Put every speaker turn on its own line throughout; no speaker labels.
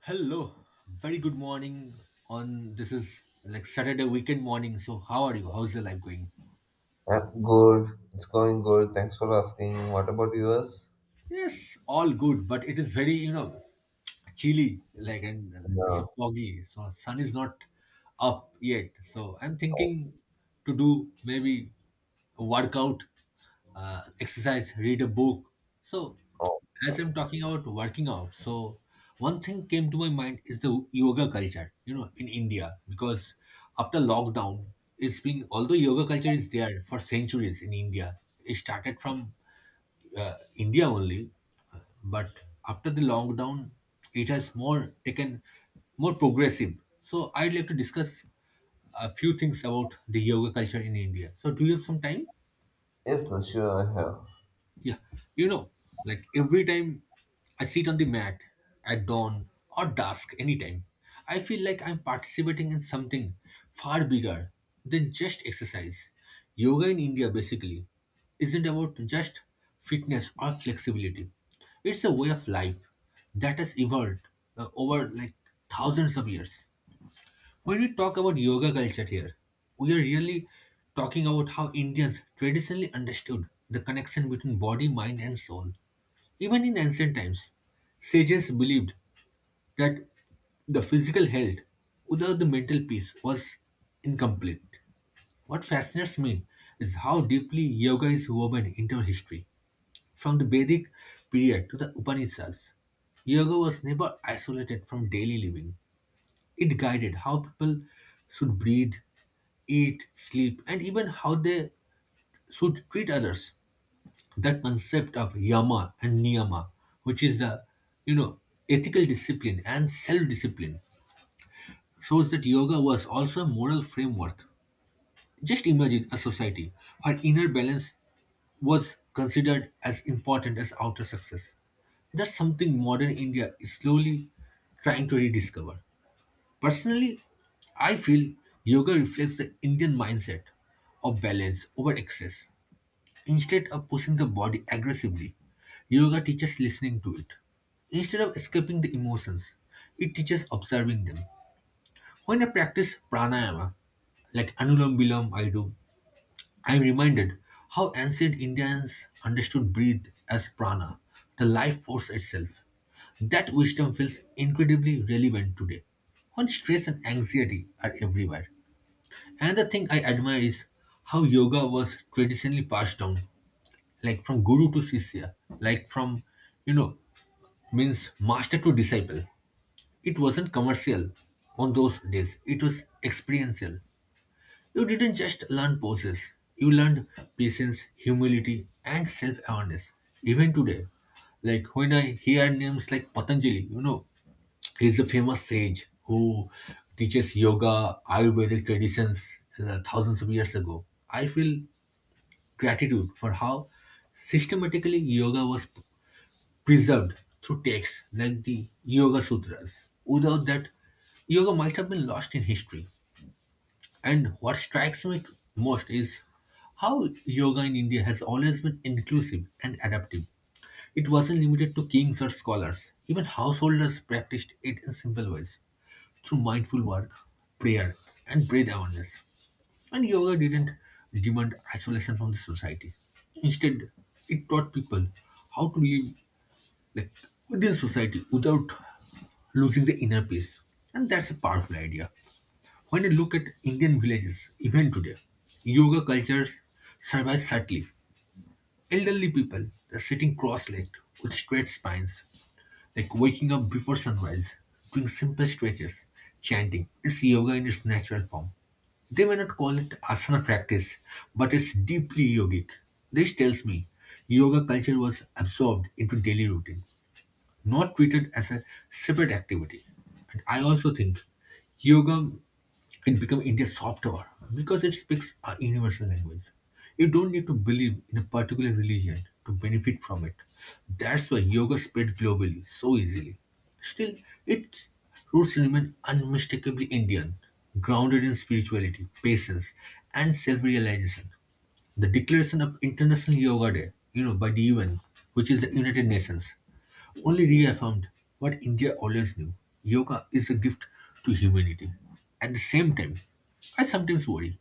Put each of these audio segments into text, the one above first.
Hello, very good morning. On this is like Saturday weekend morning. So how are you? How's your life going?
I'm good. It's going good. Thanks for asking. What about yours?
Yes, all good, but it is very, you know, chilly, like, and it's a
No.
foggy, so sun is not up yet. So I'm
Oh,
thinking to do maybe a workout, exercise, read a book. So
oh.
as I'm talking about working out, so one thing came to my mind is the yoga culture, you know, in India, because after lockdown, it's been, although yoga culture is there for centuries in India, it started from India only, but after the lockdown, it has more taken more progressive. So I'd like to discuss a few things about the yoga culture in India. So do you have some time?
Yes, sure, I have.
Yeah, you know, like every time I sit on the mat at dawn or dusk, anytime, I feel like I'm participating in something far bigger than just exercise. Yoga in India basically isn't about just fitness or flexibility, it's a way of life that has evolved over like thousands of years. When we talk about yoga culture here, we are really talking about how Indians traditionally understood the connection between body, mind, and soul. Even in ancient times, sages believed that the physical health without the mental peace was incomplete. What fascinates me is how deeply yoga is woven into our history. From the Vedic period to the Upanishads, yoga was never isolated from daily living. It guided how people should breathe, eat, sleep, and even how they should treat others. That concept of yama and niyama, which is the you know ethical discipline and self-discipline, shows that yoga was also a moral framework. Just imagine a society where inner balance was considered as important as outer success. That's something modern India is slowly trying to rediscover. Personally, I feel yoga reflects the Indian mindset of balance over excess. Instead of pushing the body aggressively, yoga teaches listening to it. Instead of escaping the emotions, it teaches observing them. When I practice pranayama, like anulom Vilom I do, I am reminded how ancient Indians understood breath as prana, the life force itself. That wisdom feels incredibly relevant today, when stress and anxiety are everywhere. Another thing I admire is how yoga was traditionally passed down, like from guru to sisya, like from, you know, means master to disciple. It wasn't commercial on those days, it was experiential. You didn't just learn poses, you learned patience, humility, and self awareness. Even today, like when I hear names like Patanjali, you know, he's a famous sage who teaches yoga, Ayurvedic traditions thousands of years ago. I feel gratitude for how systematically yoga was preserved through texts like the Yoga Sutras. Without that, yoga might have been lost in history. And what strikes me most is how yoga in India has always been inclusive and adaptive. It wasn't limited to kings or scholars, even householders practiced it in simple ways through mindful work, prayer, and breath awareness. And yoga didn't demand isolation from the society. Instead, it taught people how to live like within society without losing the inner peace. And that's a powerful idea. When you look at Indian villages, even today, yoga cultures survive subtly. Elderly people are sitting cross-legged with straight spines, like waking up before sunrise, doing simple stretches, chanting. It's yoga in its natural form. They may not call it asana practice, but it's deeply yogic. This tells me yoga culture was absorbed into daily routine, not treated as a separate activity. And I also think yoga it become India's soft power because it speaks a universal language. You don't need to believe in a particular religion to benefit from it. That's why yoga spread globally so easily. Still, its roots remain unmistakably Indian, grounded in spirituality, patience, and self-realization. The declaration of International Yoga Day, you know, by the UN, which is the United Nations, only reaffirmed what India always knew. Yoga is a gift to humanity. At the same time, I sometimes worry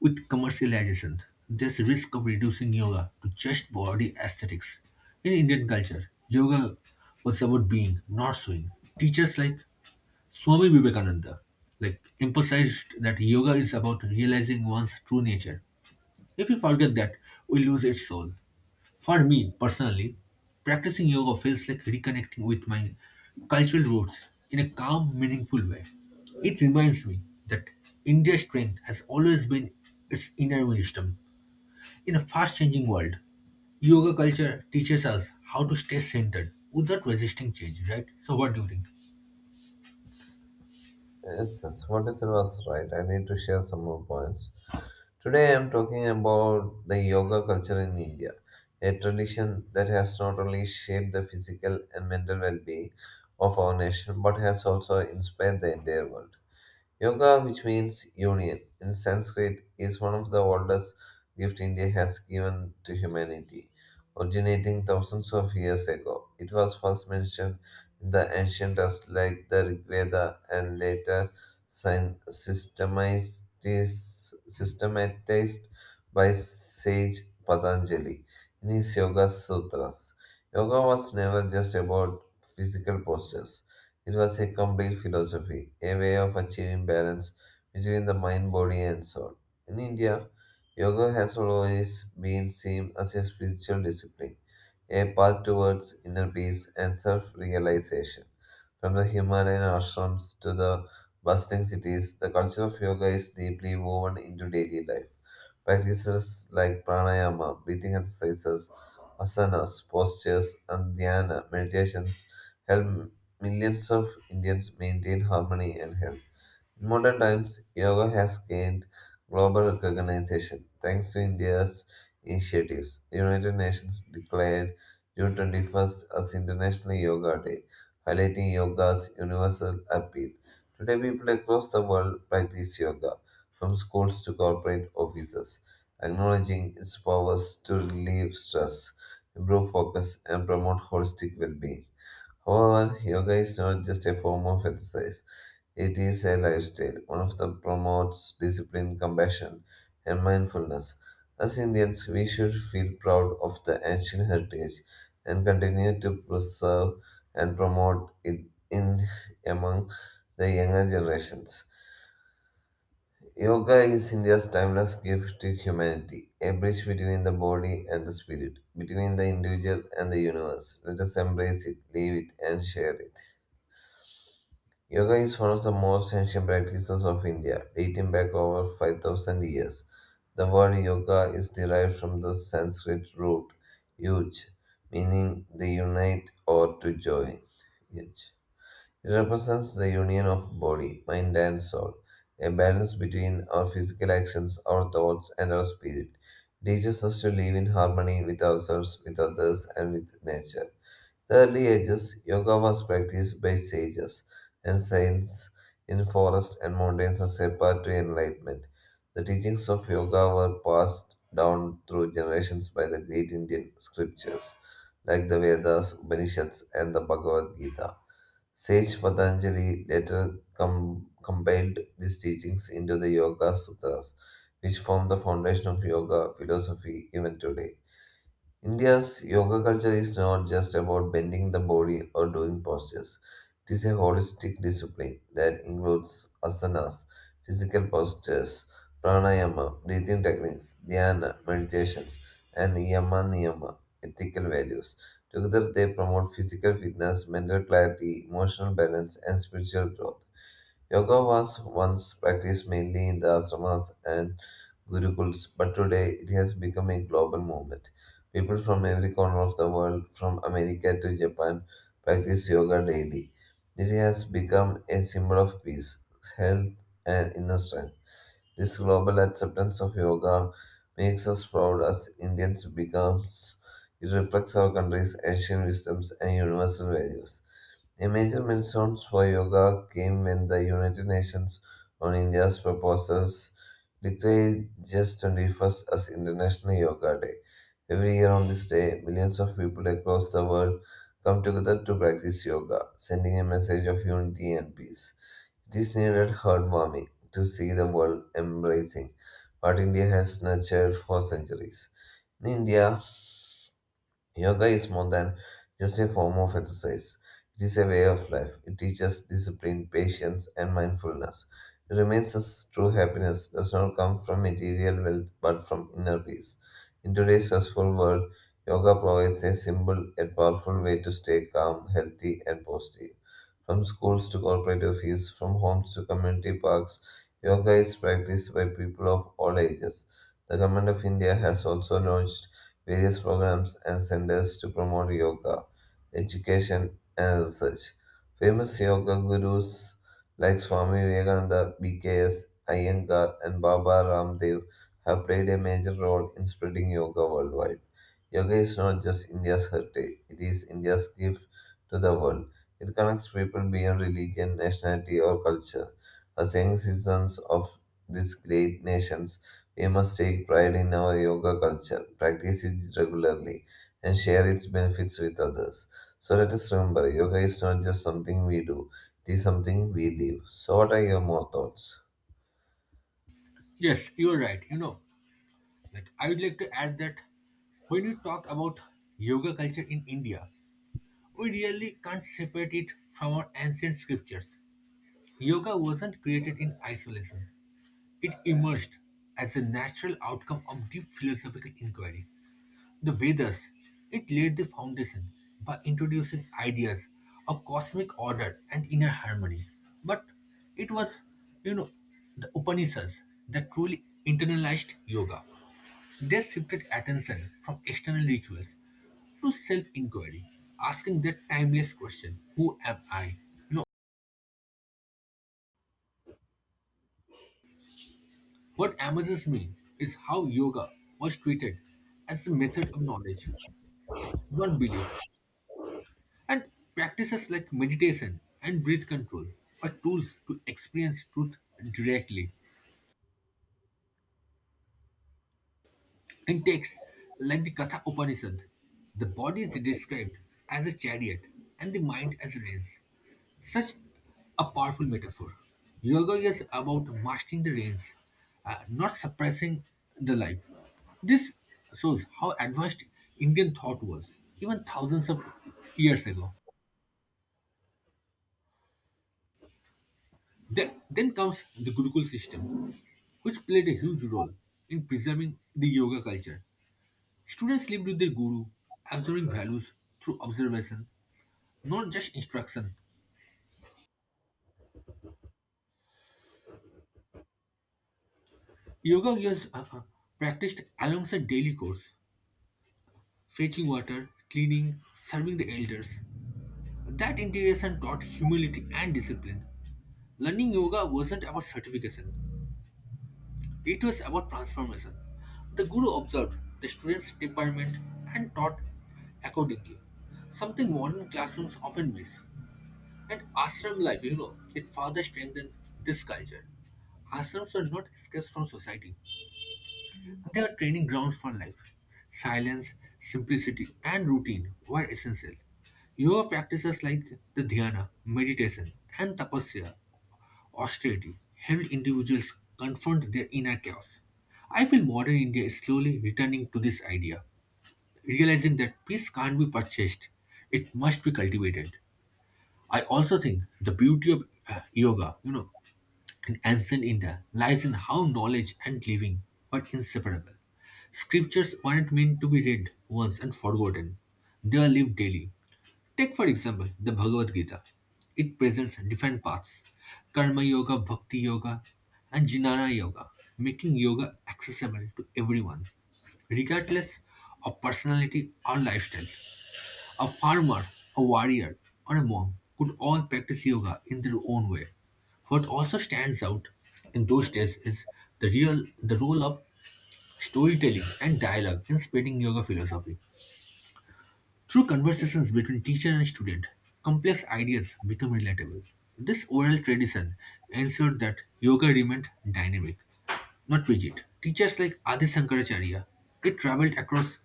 with commercialization, there's a risk of reducing yoga to just body aesthetics. In Indian culture, yoga was about being, not showing. Teachers like Swami Vivekananda like emphasized that yoga is about realizing one's true nature. If we forget that, we lose its soul. For me, personally, practicing yoga feels like reconnecting with my cultural roots in a calm, meaningful way. It reminds me that India's strength has always been its inner wisdom. In a fast changing world, yoga culture teaches us how to stay centered without resisting change, right? So, what do you think?
Yes, that's what is it was right. I need to share some more points. Today, I'm talking about the yoga culture in India, a tradition that has not only shaped the physical and mental well being of our nation but has also inspired the entire world. Yoga, which means union in Sanskrit, is one of the oldest gifts India has given to humanity, originating thousands of years ago. It was first mentioned in the ancient texts like the Rig Veda and later syn- systematized, systematized by sage Patanjali in his Yoga Sutras. Yoga was never just about physical postures. It was a complete philosophy, a way of achieving balance between the mind, body, and soul. In India, yoga has always been seen as a spiritual discipline, a path towards inner peace and self realization. From the Himalayan ashrams to the bustling cities, the culture of yoga is deeply woven into daily life. Practices like pranayama, breathing exercises, asanas, postures, and dhyana meditations help millions of Indians maintain harmony and health. In modern times, yoga has gained global recognition thanks to India's initiatives. The United Nations declared June 21st as International Yoga Day, highlighting yoga's universal appeal. Today, people across the world practice yoga, from schools to corporate offices, acknowledging its powers to relieve stress, improve focus, and promote holistic well being. However, yoga is not just a form of exercise, it is a lifestyle, one of that promotes discipline, compassion, and mindfulness. As Indians, we should feel proud of the ancient heritage and continue to preserve and promote it in among the younger generations. Yoga is India's timeless gift to humanity, a bridge between the body and the spirit, between the individual and the universe. Let us embrace it, live it, and share it. Yoga is one of the most ancient practices of India, dating back over 5,000 years. The word yoga is derived from the Sanskrit root yuj, meaning the unite or to join. Yuj. It represents the union of body, mind, and soul, a balance between our physical actions, our thoughts, and our spirit. It teaches us to live in harmony with ourselves, with others, and with nature. The early ages, yoga was practiced by sages and saints in forests and mountains as a path to enlightenment. The teachings of yoga were passed down through generations by the great Indian scriptures like the Vedas, Upanishads, and the Bhagavad Gita. Sage Patanjali later compiled these teachings into the Yoga Sutras, which form the foundation of yoga philosophy even today. India's yoga culture is not just about bending the body or doing postures. It is a holistic discipline that includes asanas, physical postures, pranayama, breathing techniques, dhyana, meditations, and yama niyama, ethical values. Together, they promote physical fitness, mental clarity, emotional balance, and spiritual growth. Yoga was once practiced mainly in the ashramas and gurukuls, but today it has become a global movement. People from every corner of the world, from America to Japan, practice yoga daily. It has become a symbol of peace, health, and inner strength. This global acceptance of yoga makes us proud as Indians because it reflects our country's ancient wisdoms and universal values. A major milestone for yoga came when the United Nations on India's proposals declared just 21st as International Yoga Day. Every year on this day, millions of people across the world come together to practice yoga, sending a message of unity and peace. It is needed heartwarming to see the world embracing what India has nurtured for centuries. In India, yoga is more than just a form of exercise. It is a way of life. It teaches discipline, patience, and mindfulness. It reminds us true happiness does not come from material wealth but from inner peace. In today's stressful world, yoga provides a simple yet powerful way to stay calm, healthy, and positive. From schools to corporate office, from homes to community parks, yoga is practiced by people of all ages. The Government of India has also launched various programs and centers to promote yoga, education, and research. Famous yoga gurus like Swami Vivekananda, BKS, Iyengar, and Baba Ramdev have played a major role in spreading yoga worldwide. Yoga is not just India's heritage, it is India's gift to the world. It connects people beyond religion, nationality, or culture. As young citizens of these great nations, we must take pride in our yoga culture, practice it regularly, and share its benefits with others. So let us remember yoga is not just something we do, it is something we live. So, what are your more thoughts?
Yes, you're right. You know, like I would like to add that when you talk about yoga culture in India, we really can't separate it from our ancient scriptures. Yoga wasn't created in isolation, it emerged as a natural outcome of deep philosophical inquiry. The Vedas, it laid the foundation by introducing ideas of cosmic order and inner harmony. But it was, you know, the Upanishads that truly internalized yoga. They shifted attention from external rituals to self-inquiry, asking that timeless question, who am I? You know, what amazes me is how yoga was treated as a method of knowledge, not belief. And practices like meditation and breath control are tools to experience truth directly. In texts like the Katha Upanishad, the body is described as a chariot and the mind as reins. Such a powerful metaphor. Yoga is about mastering the reins, not suppressing the life. This shows how advanced Indian thought was even thousands of years ago. Then comes the Gurukul system, which played a huge role in preserving the yoga culture. Students lived with their guru, absorbing values through observation, not just instruction. Yoga was practiced alongside daily chores, fetching water, cleaning, serving the elders. That integration taught humility and discipline. Learning yoga wasn't about certification, it was about transformation. The guru observed the students' temperament and taught accordingly, something modern classrooms often miss. And ashram life, you know, it further strengthened this culture. Ashrams are not escapes from society, they are training grounds for life. Silence, simplicity, and routine were essential. Yoga practices like the dhyana, meditation, and tapasya austerity helped individuals confront their inner chaos. I feel modern India is slowly returning to this idea, realizing that peace can't be purchased, it must be cultivated. I also think the beauty of yoga, you know, in ancient India lies in how knowledge and living were inseparable. Scriptures weren't meant to be read once and forgotten, they are lived daily. Take, for example, the Bhagavad Gita. It presents different paths, karma yoga, bhakti yoga, and jnana yoga, making yoga accessible to everyone, regardless of personality or lifestyle. A farmer, a warrior, or a monk could all practice yoga in their own way. What also stands out in those days is the role of storytelling and dialogue in spreading yoga philosophy. Through conversations between teacher and student, complex ideas become relatable. This oral tradition ensured that yoga remained dynamic, not rigid. Teachers like Adi Shankaracharya, they traveled across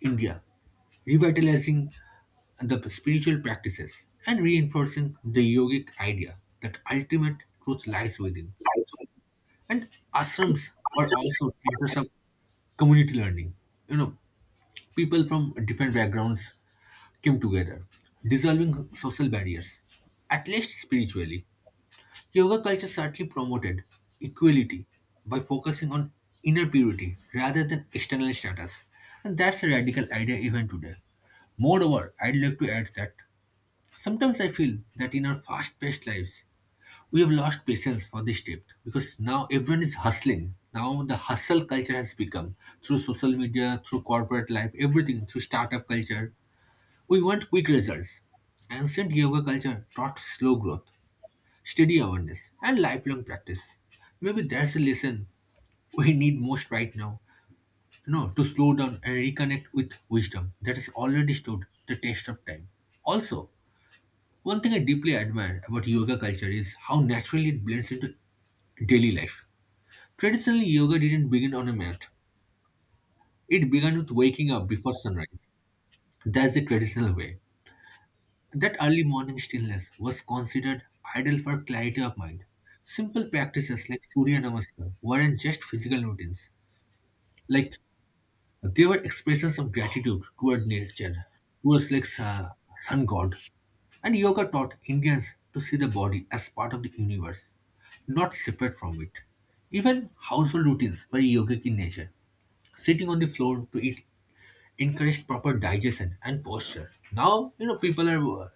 India, revitalizing the spiritual practices and reinforcing the yogic idea that ultimate truth lies within. And ashrams were also centers of community learning. You know, people from different backgrounds came together, dissolving social barriers, at least spiritually. Yoga culture certainly promoted equality by focusing on inner purity rather than external status, and that's a radical idea even today. Moreover, I'd like to add that sometimes I feel that in our fast paced lives, we have lost patience for this depth because now everyone is hustling. Now the hustle culture has become through social media, through corporate life, everything, through startup culture, we want quick results. Ancient yoga culture taught slow growth, steady awareness, and lifelong practice. Maybe that's the lesson we need most right now. You know, to slow down and reconnect with wisdom that has already stood the test of time. Also, one thing I deeply admire about yoga culture is how naturally it blends into daily life. Traditionally, yoga didn't begin on a mat. It began with waking up before sunrise. That's the traditional way. That early morning stillness was considered ideal for clarity of mind. Simple practices like Surya Namaskar weren't just physical routines. Like they were expressions of gratitude toward nature, towards like sun god. And yoga taught Indians to see the body as part of the universe, not separate from it. Even household routines were yogic in nature. Sitting on the floor to eat encouraged proper digestion and posture. Now, you know, people are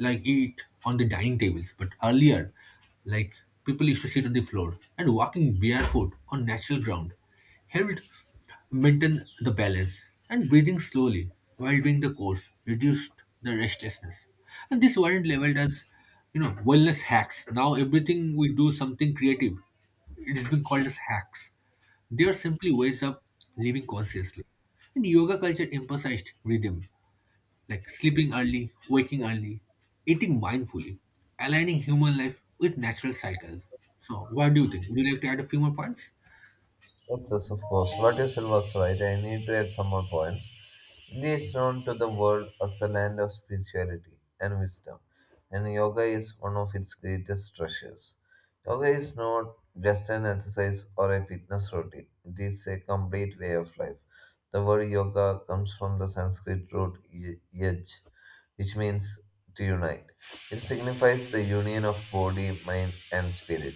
like eat on the dining tables, but earlier, like people used to sit on the floor, and walking barefoot on natural ground helped maintain the balance, and breathing slowly while doing the course reduced the restlessness. And this weren't leveled as, you know, wellness hacks. Now everything we do something creative, it has been called as hacks. They are simply ways of living consciously. And yoga culture emphasized rhythm, like sleeping early, waking early, eating mindfully, aligning human life with natural cycles. So, what do you think? Would you like to add a few more points?
Yes, yes, of course. What you said was right. I need to add some more points. India is known to the world as the land of spirituality and wisdom, and yoga is one of its greatest treasures. Yoga is not just an exercise or a fitness routine, it is a complete way of life. The word yoga comes from the Sanskrit root yaj, which means to unite. It signifies the union of body, mind, and spirit,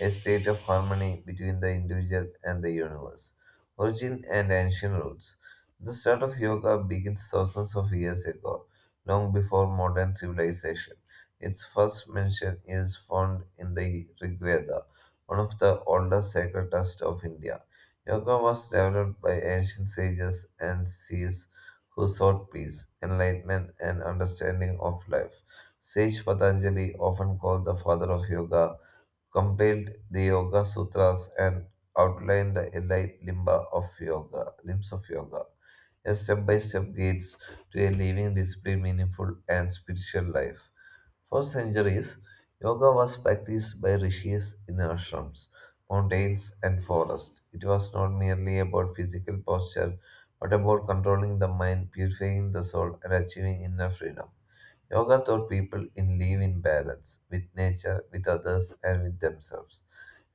a state of harmony between the individual and the universe. Origin and ancient roots. The start of yoga begins thousands of years ago, long before modern civilization. Its first mention is found in the Rig Veda, one of the oldest sacred texts of India. Yoga was developed by ancient sages and seers who sought peace, enlightenment, and understanding of life. Sage Patanjali, often called the father of yoga, compiled the Yoga Sutras and outlined the elite limba of yoga, limbs of yoga, a step-by-step guides to a living, disciplined, meaningful, and spiritual life. For centuries, yoga was practiced by rishis in ashrams, mountains, and forests. It was not merely about physical posture, but about controlling the mind, purifying the soul, and achieving inner freedom. Yoga taught people in live in balance with nature, with others, and with themselves.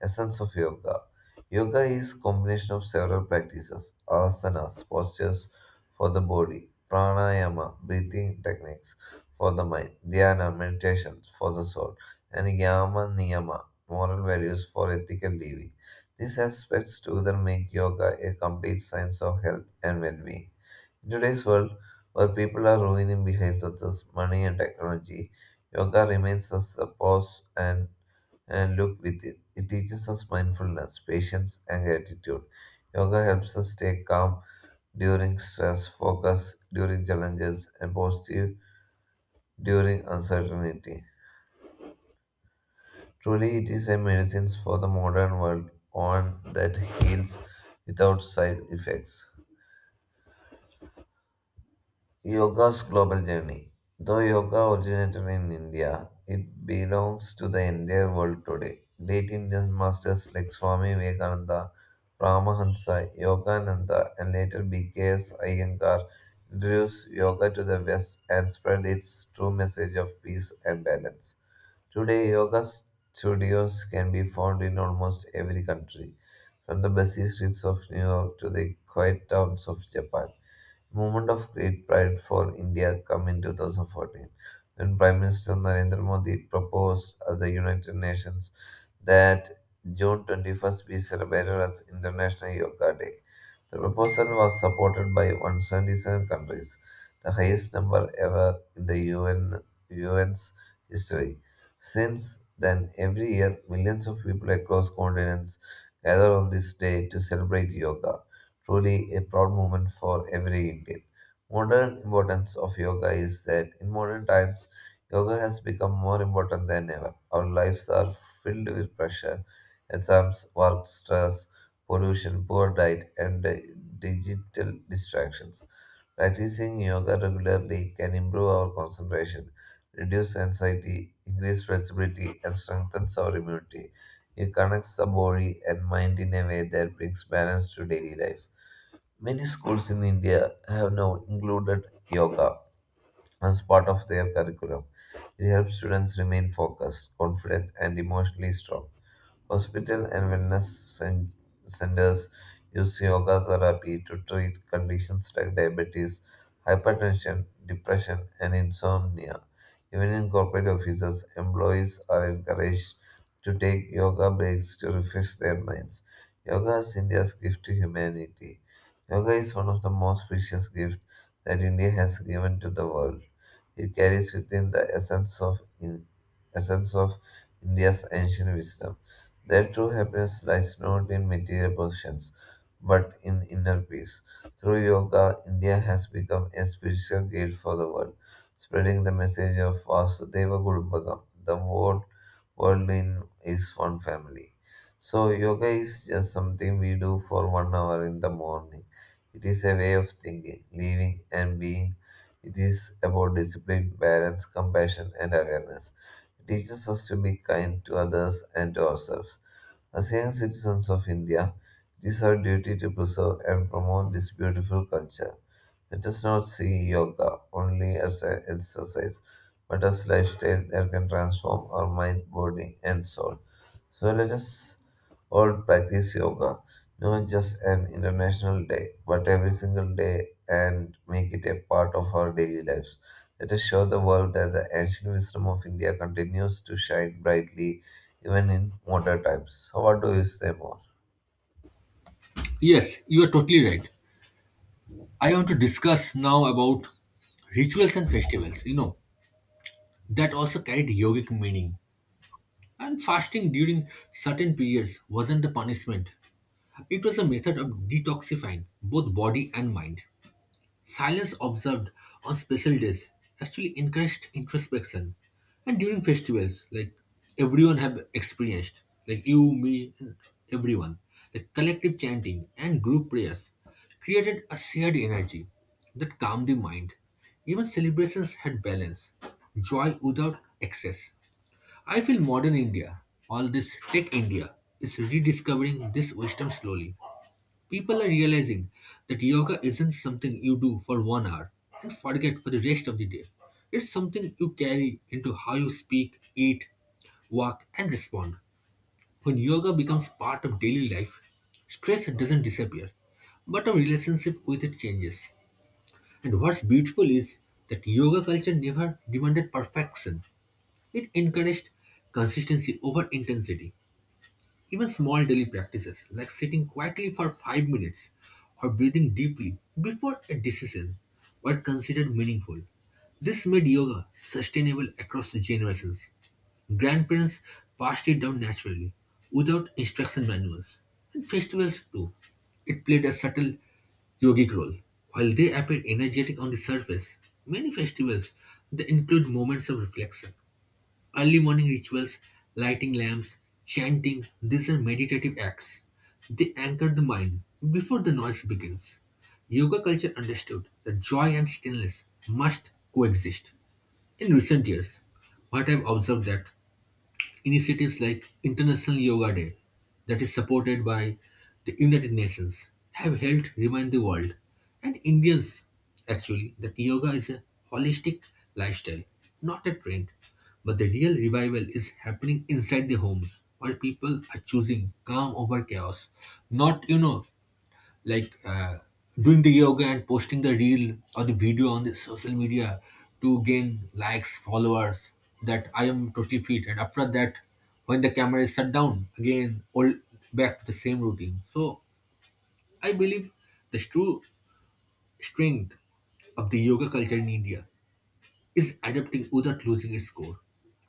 Essence of yoga. Yoga is combination of several practices, asanas, postures for the body, pranayama, breathing techniques for the mind, dhyana, meditations for the soul, and yama niyama, moral values for ethical living. These aspects together make yoga a complete science of health and well-being. In today's world, where people are ruining behind success, money, and technology, yoga remains us a pause and look within. It teaches us mindfulness, patience, and gratitude. Yoga helps us stay calm during stress, focus during challenges, and positive during uncertainty. Truly, it is a medicine for the modern world, one that heals without side effects. Yoga's global journey. Though yoga originated in India, it belongs to the entire world today. Great Indian masters like Swami Vivekananda, Paramahansa, Yogananda, and later B.K.S. Iyengar introduced yoga to the West and spread its true message of peace and balance. Today, yoga studios can be found in almost every country, from the busy streets of New York to the quiet towns of Japan moment of great pride for India came in 2014 when Prime Minister Narendra Modi proposed at the United Nations that June 21st be celebrated as International Yoga Day. The proposal was supported by 177 countries, the highest number ever in the UN's history. Since then, every year, millions of people across continents gather on this day to celebrate yoga truly a proud moment for every Indian. Modern importance of yoga is that in modern times, yoga has become more important than ever. Our lives are filled with pressure, exams, work, stress, pollution, poor diet, and digital distractions. Practicing yoga regularly can improve our concentration, reduce anxiety, increase flexibility, and strengthens our immunity. It connects the body and mind in a way that brings balance to daily life. Many schools in India have now included yoga as part of their curriculum. It helps students remain focused, confident, and emotionally strong. Hospitals and wellness cen- centers use yoga therapy to treat conditions like diabetes, hypertension, depression, and insomnia. Even in corporate offices, employees are encouraged to take yoga breaks to refresh their minds. Yoga is India's gift to humanity. Yoga is one of the most precious gifts that India has given to the world. It carries within the essence of India's ancient wisdom. Their true happiness lies not in material possessions, but in inner peace. Through yoga, India has become a spiritual gate for the world, spreading the message of Vasudeva Kudumbakam. The whole world in is one family. So yoga is just something we do for 1 hour in the morning. It is a way of thinking, living, and being. It is about discipline, balance, compassion, and awareness. It teaches us to be kind to others and to ourselves. As young citizens of India, it is our duty to preserve and promote this beautiful culture. Let us not see yoga only as an exercise, but as lifestyle that can transform our mind, body, and soul. So let us all practice yoga, not just an international day, but every single day and make it a part of our daily lives. Let us show the world that the ancient wisdom of India continues to shine brightly even in modern times. So what do you say more?
Yes, you are totally right. I want to discuss now about rituals and festivals, you know, that also carried yogic meaning. And fasting during certain periods wasn't a punishment, it was a method of detoxifying both body and mind. Silence observed on special days actually encouraged introspection, and during festivals, like everyone have experienced, like you, me, and everyone, the collective chanting and group prayers created a shared energy that calmed the mind. Even celebrations had balance, joy without excess. I feel modern India, all this tech India, is rediscovering this wisdom slowly. People are realizing that yoga isn't something you do for 1 hour and forget for the rest of the day. It's something you carry into how you speak, eat, walk, and respond. When yoga becomes part of daily life, stress doesn't disappear, but our relationship with it changes. And what's beautiful is that yoga culture never demanded perfection, it encouraged consistency over intensity. Even small daily practices like sitting quietly for 5 minutes or breathing deeply before a decision were considered meaningful. This made yoga sustainable across generations. Grandparents passed it down naturally without instruction manuals. And festivals too. It played a subtle yogic role. While they appear energetic on the surface, many festivals they include moments of reflection. Early morning rituals, lighting lamps, chanting, these are meditative acts. They anchor the mind before the noise begins. Yoga culture understood that joy and stillness must coexist. In recent years, what I've observed that initiatives like International Yoga Day, that is supported by the United Nations, have helped remind the world and Indians actually that yoga is a holistic lifestyle, not a trend. But the real revival is happening inside the homes where people are choosing calm over chaos, not, you know, like uh, doing the yoga and posting the reel or the video on the social media to gain likes followers that I am totally fit, and after that when the camera is shut down, again all back to the same routine. So I believe the true strength of the yoga culture in India is adapting without losing its core.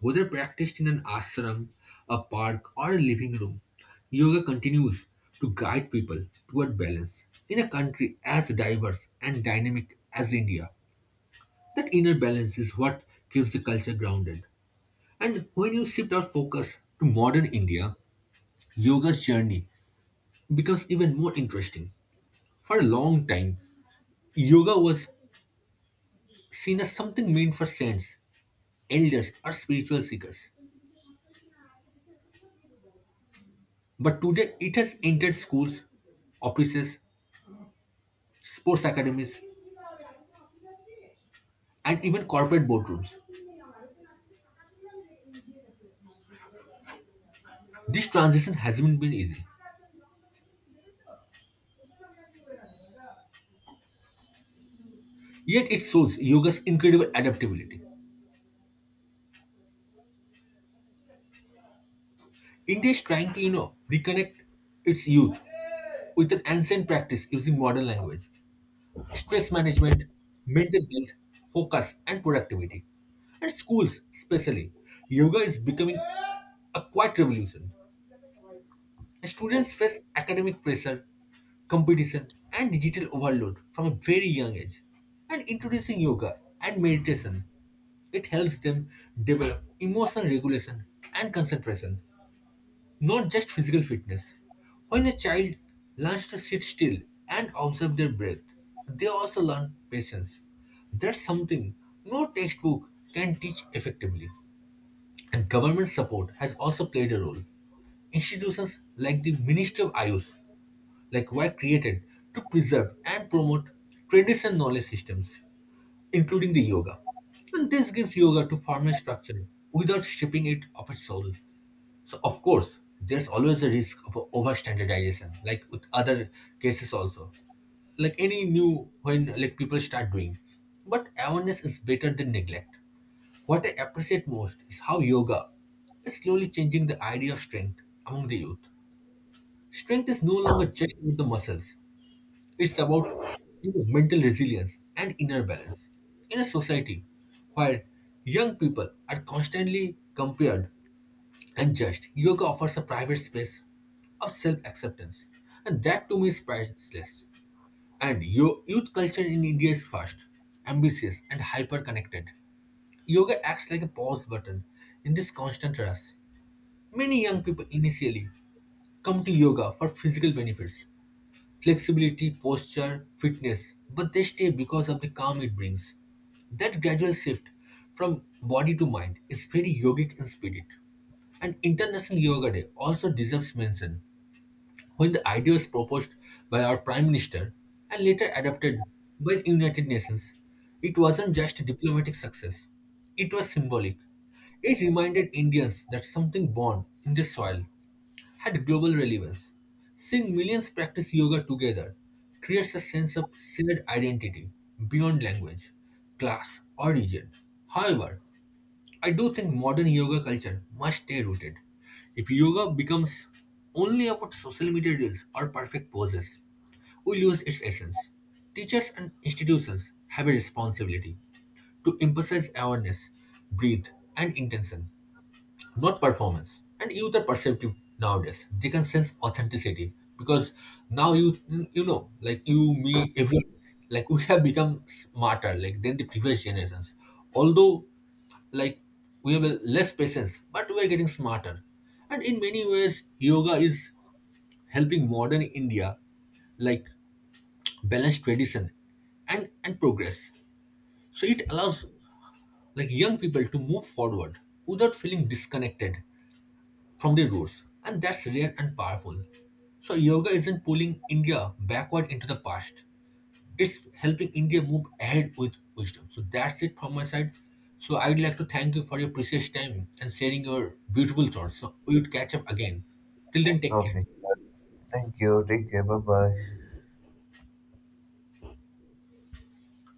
Whether practiced in an ashram, a park, or a living room, yoga continues to guide people toward balance. In a country as diverse and dynamic as India, that inner balance is what keeps the culture grounded. And when you shift our focus to modern India, yoga's journey becomes even more interesting. For a long time, yoga was seen as something meant for saints, elders, or spiritual seekers. But today it has entered schools, offices, sports academies, and even corporate boardrooms. This transition hasn't been easy. Yet it shows yoga's incredible adaptability. India is trying to, you know, reconnect its youth with an ancient practice using modern language, stress management, mental health, focus, and productivity. And schools, especially, yoga is becoming a quiet revolution. Students face academic pressure, competition, and digital overload from a very young age. And introducing yoga and meditation, it helps them develop emotional regulation and concentration, not just physical fitness. When a child learns to sit still and observe their breath, they also learn patience. That's something no textbook can teach effectively. And government support has also played a role. Institutions like the Ministry of Ayush like were created to preserve and promote traditional knowledge systems, including the yoga. And this gives yoga to formal structure without stripping it of its soul. So of course, there's always a risk of over standardization, like with other cases also, like any new when like people start doing, but awareness is better than neglect. What I appreciate most is how yoga is slowly changing the idea of strength among the youth. Strength is no longer just about the muscles, it's about, you know, mental resilience and inner balance. In a society where young people are constantly compared and judged, yoga offers a private space of self acceptance, and that to me is priceless. And youth culture in India is fast, ambitious, and hyper connected. Yoga acts like a pause button in this constant rush. Many young people initially come to yoga for physical benefits, flexibility, posture, fitness, but they stay because of the calm it brings. That gradual shift from body to mind is very yogic in spirit. And International Yoga Day also deserves mention. When the idea was proposed by our Prime Minister and later adopted by the United Nations, it wasn't just a diplomatic success, it was symbolic. It reminded Indians that something born in the soil had global relevance. Seeing millions practice yoga together creates a sense of shared identity beyond language, class, or region. However, I do think modern yoga culture must stay rooted. If yoga becomes only about social media reels or perfect poses, we lose its essence. Teachers and institutions have a responsibility to emphasize awareness, breathe, and intention, not performance. And youth are perceptive nowadays. They can sense authenticity because now you know, like you, me, everyone, like we have become smarter like than the previous generations. Although like we have a less patience, but we are getting smarter. And in many ways, yoga is helping modern India like balance tradition and progress. So it allows like young people to move forward without feeling disconnected from the roots, and that's rare and powerful. So, yoga isn't pulling India backward into the past, it's helping India move ahead with wisdom. So, that's it from my side. So, I'd like to thank you for your precious time and sharing your beautiful thoughts. So, we would catch up again. Till then, take
Okay.
care.
Thank you. Take care. Bye bye.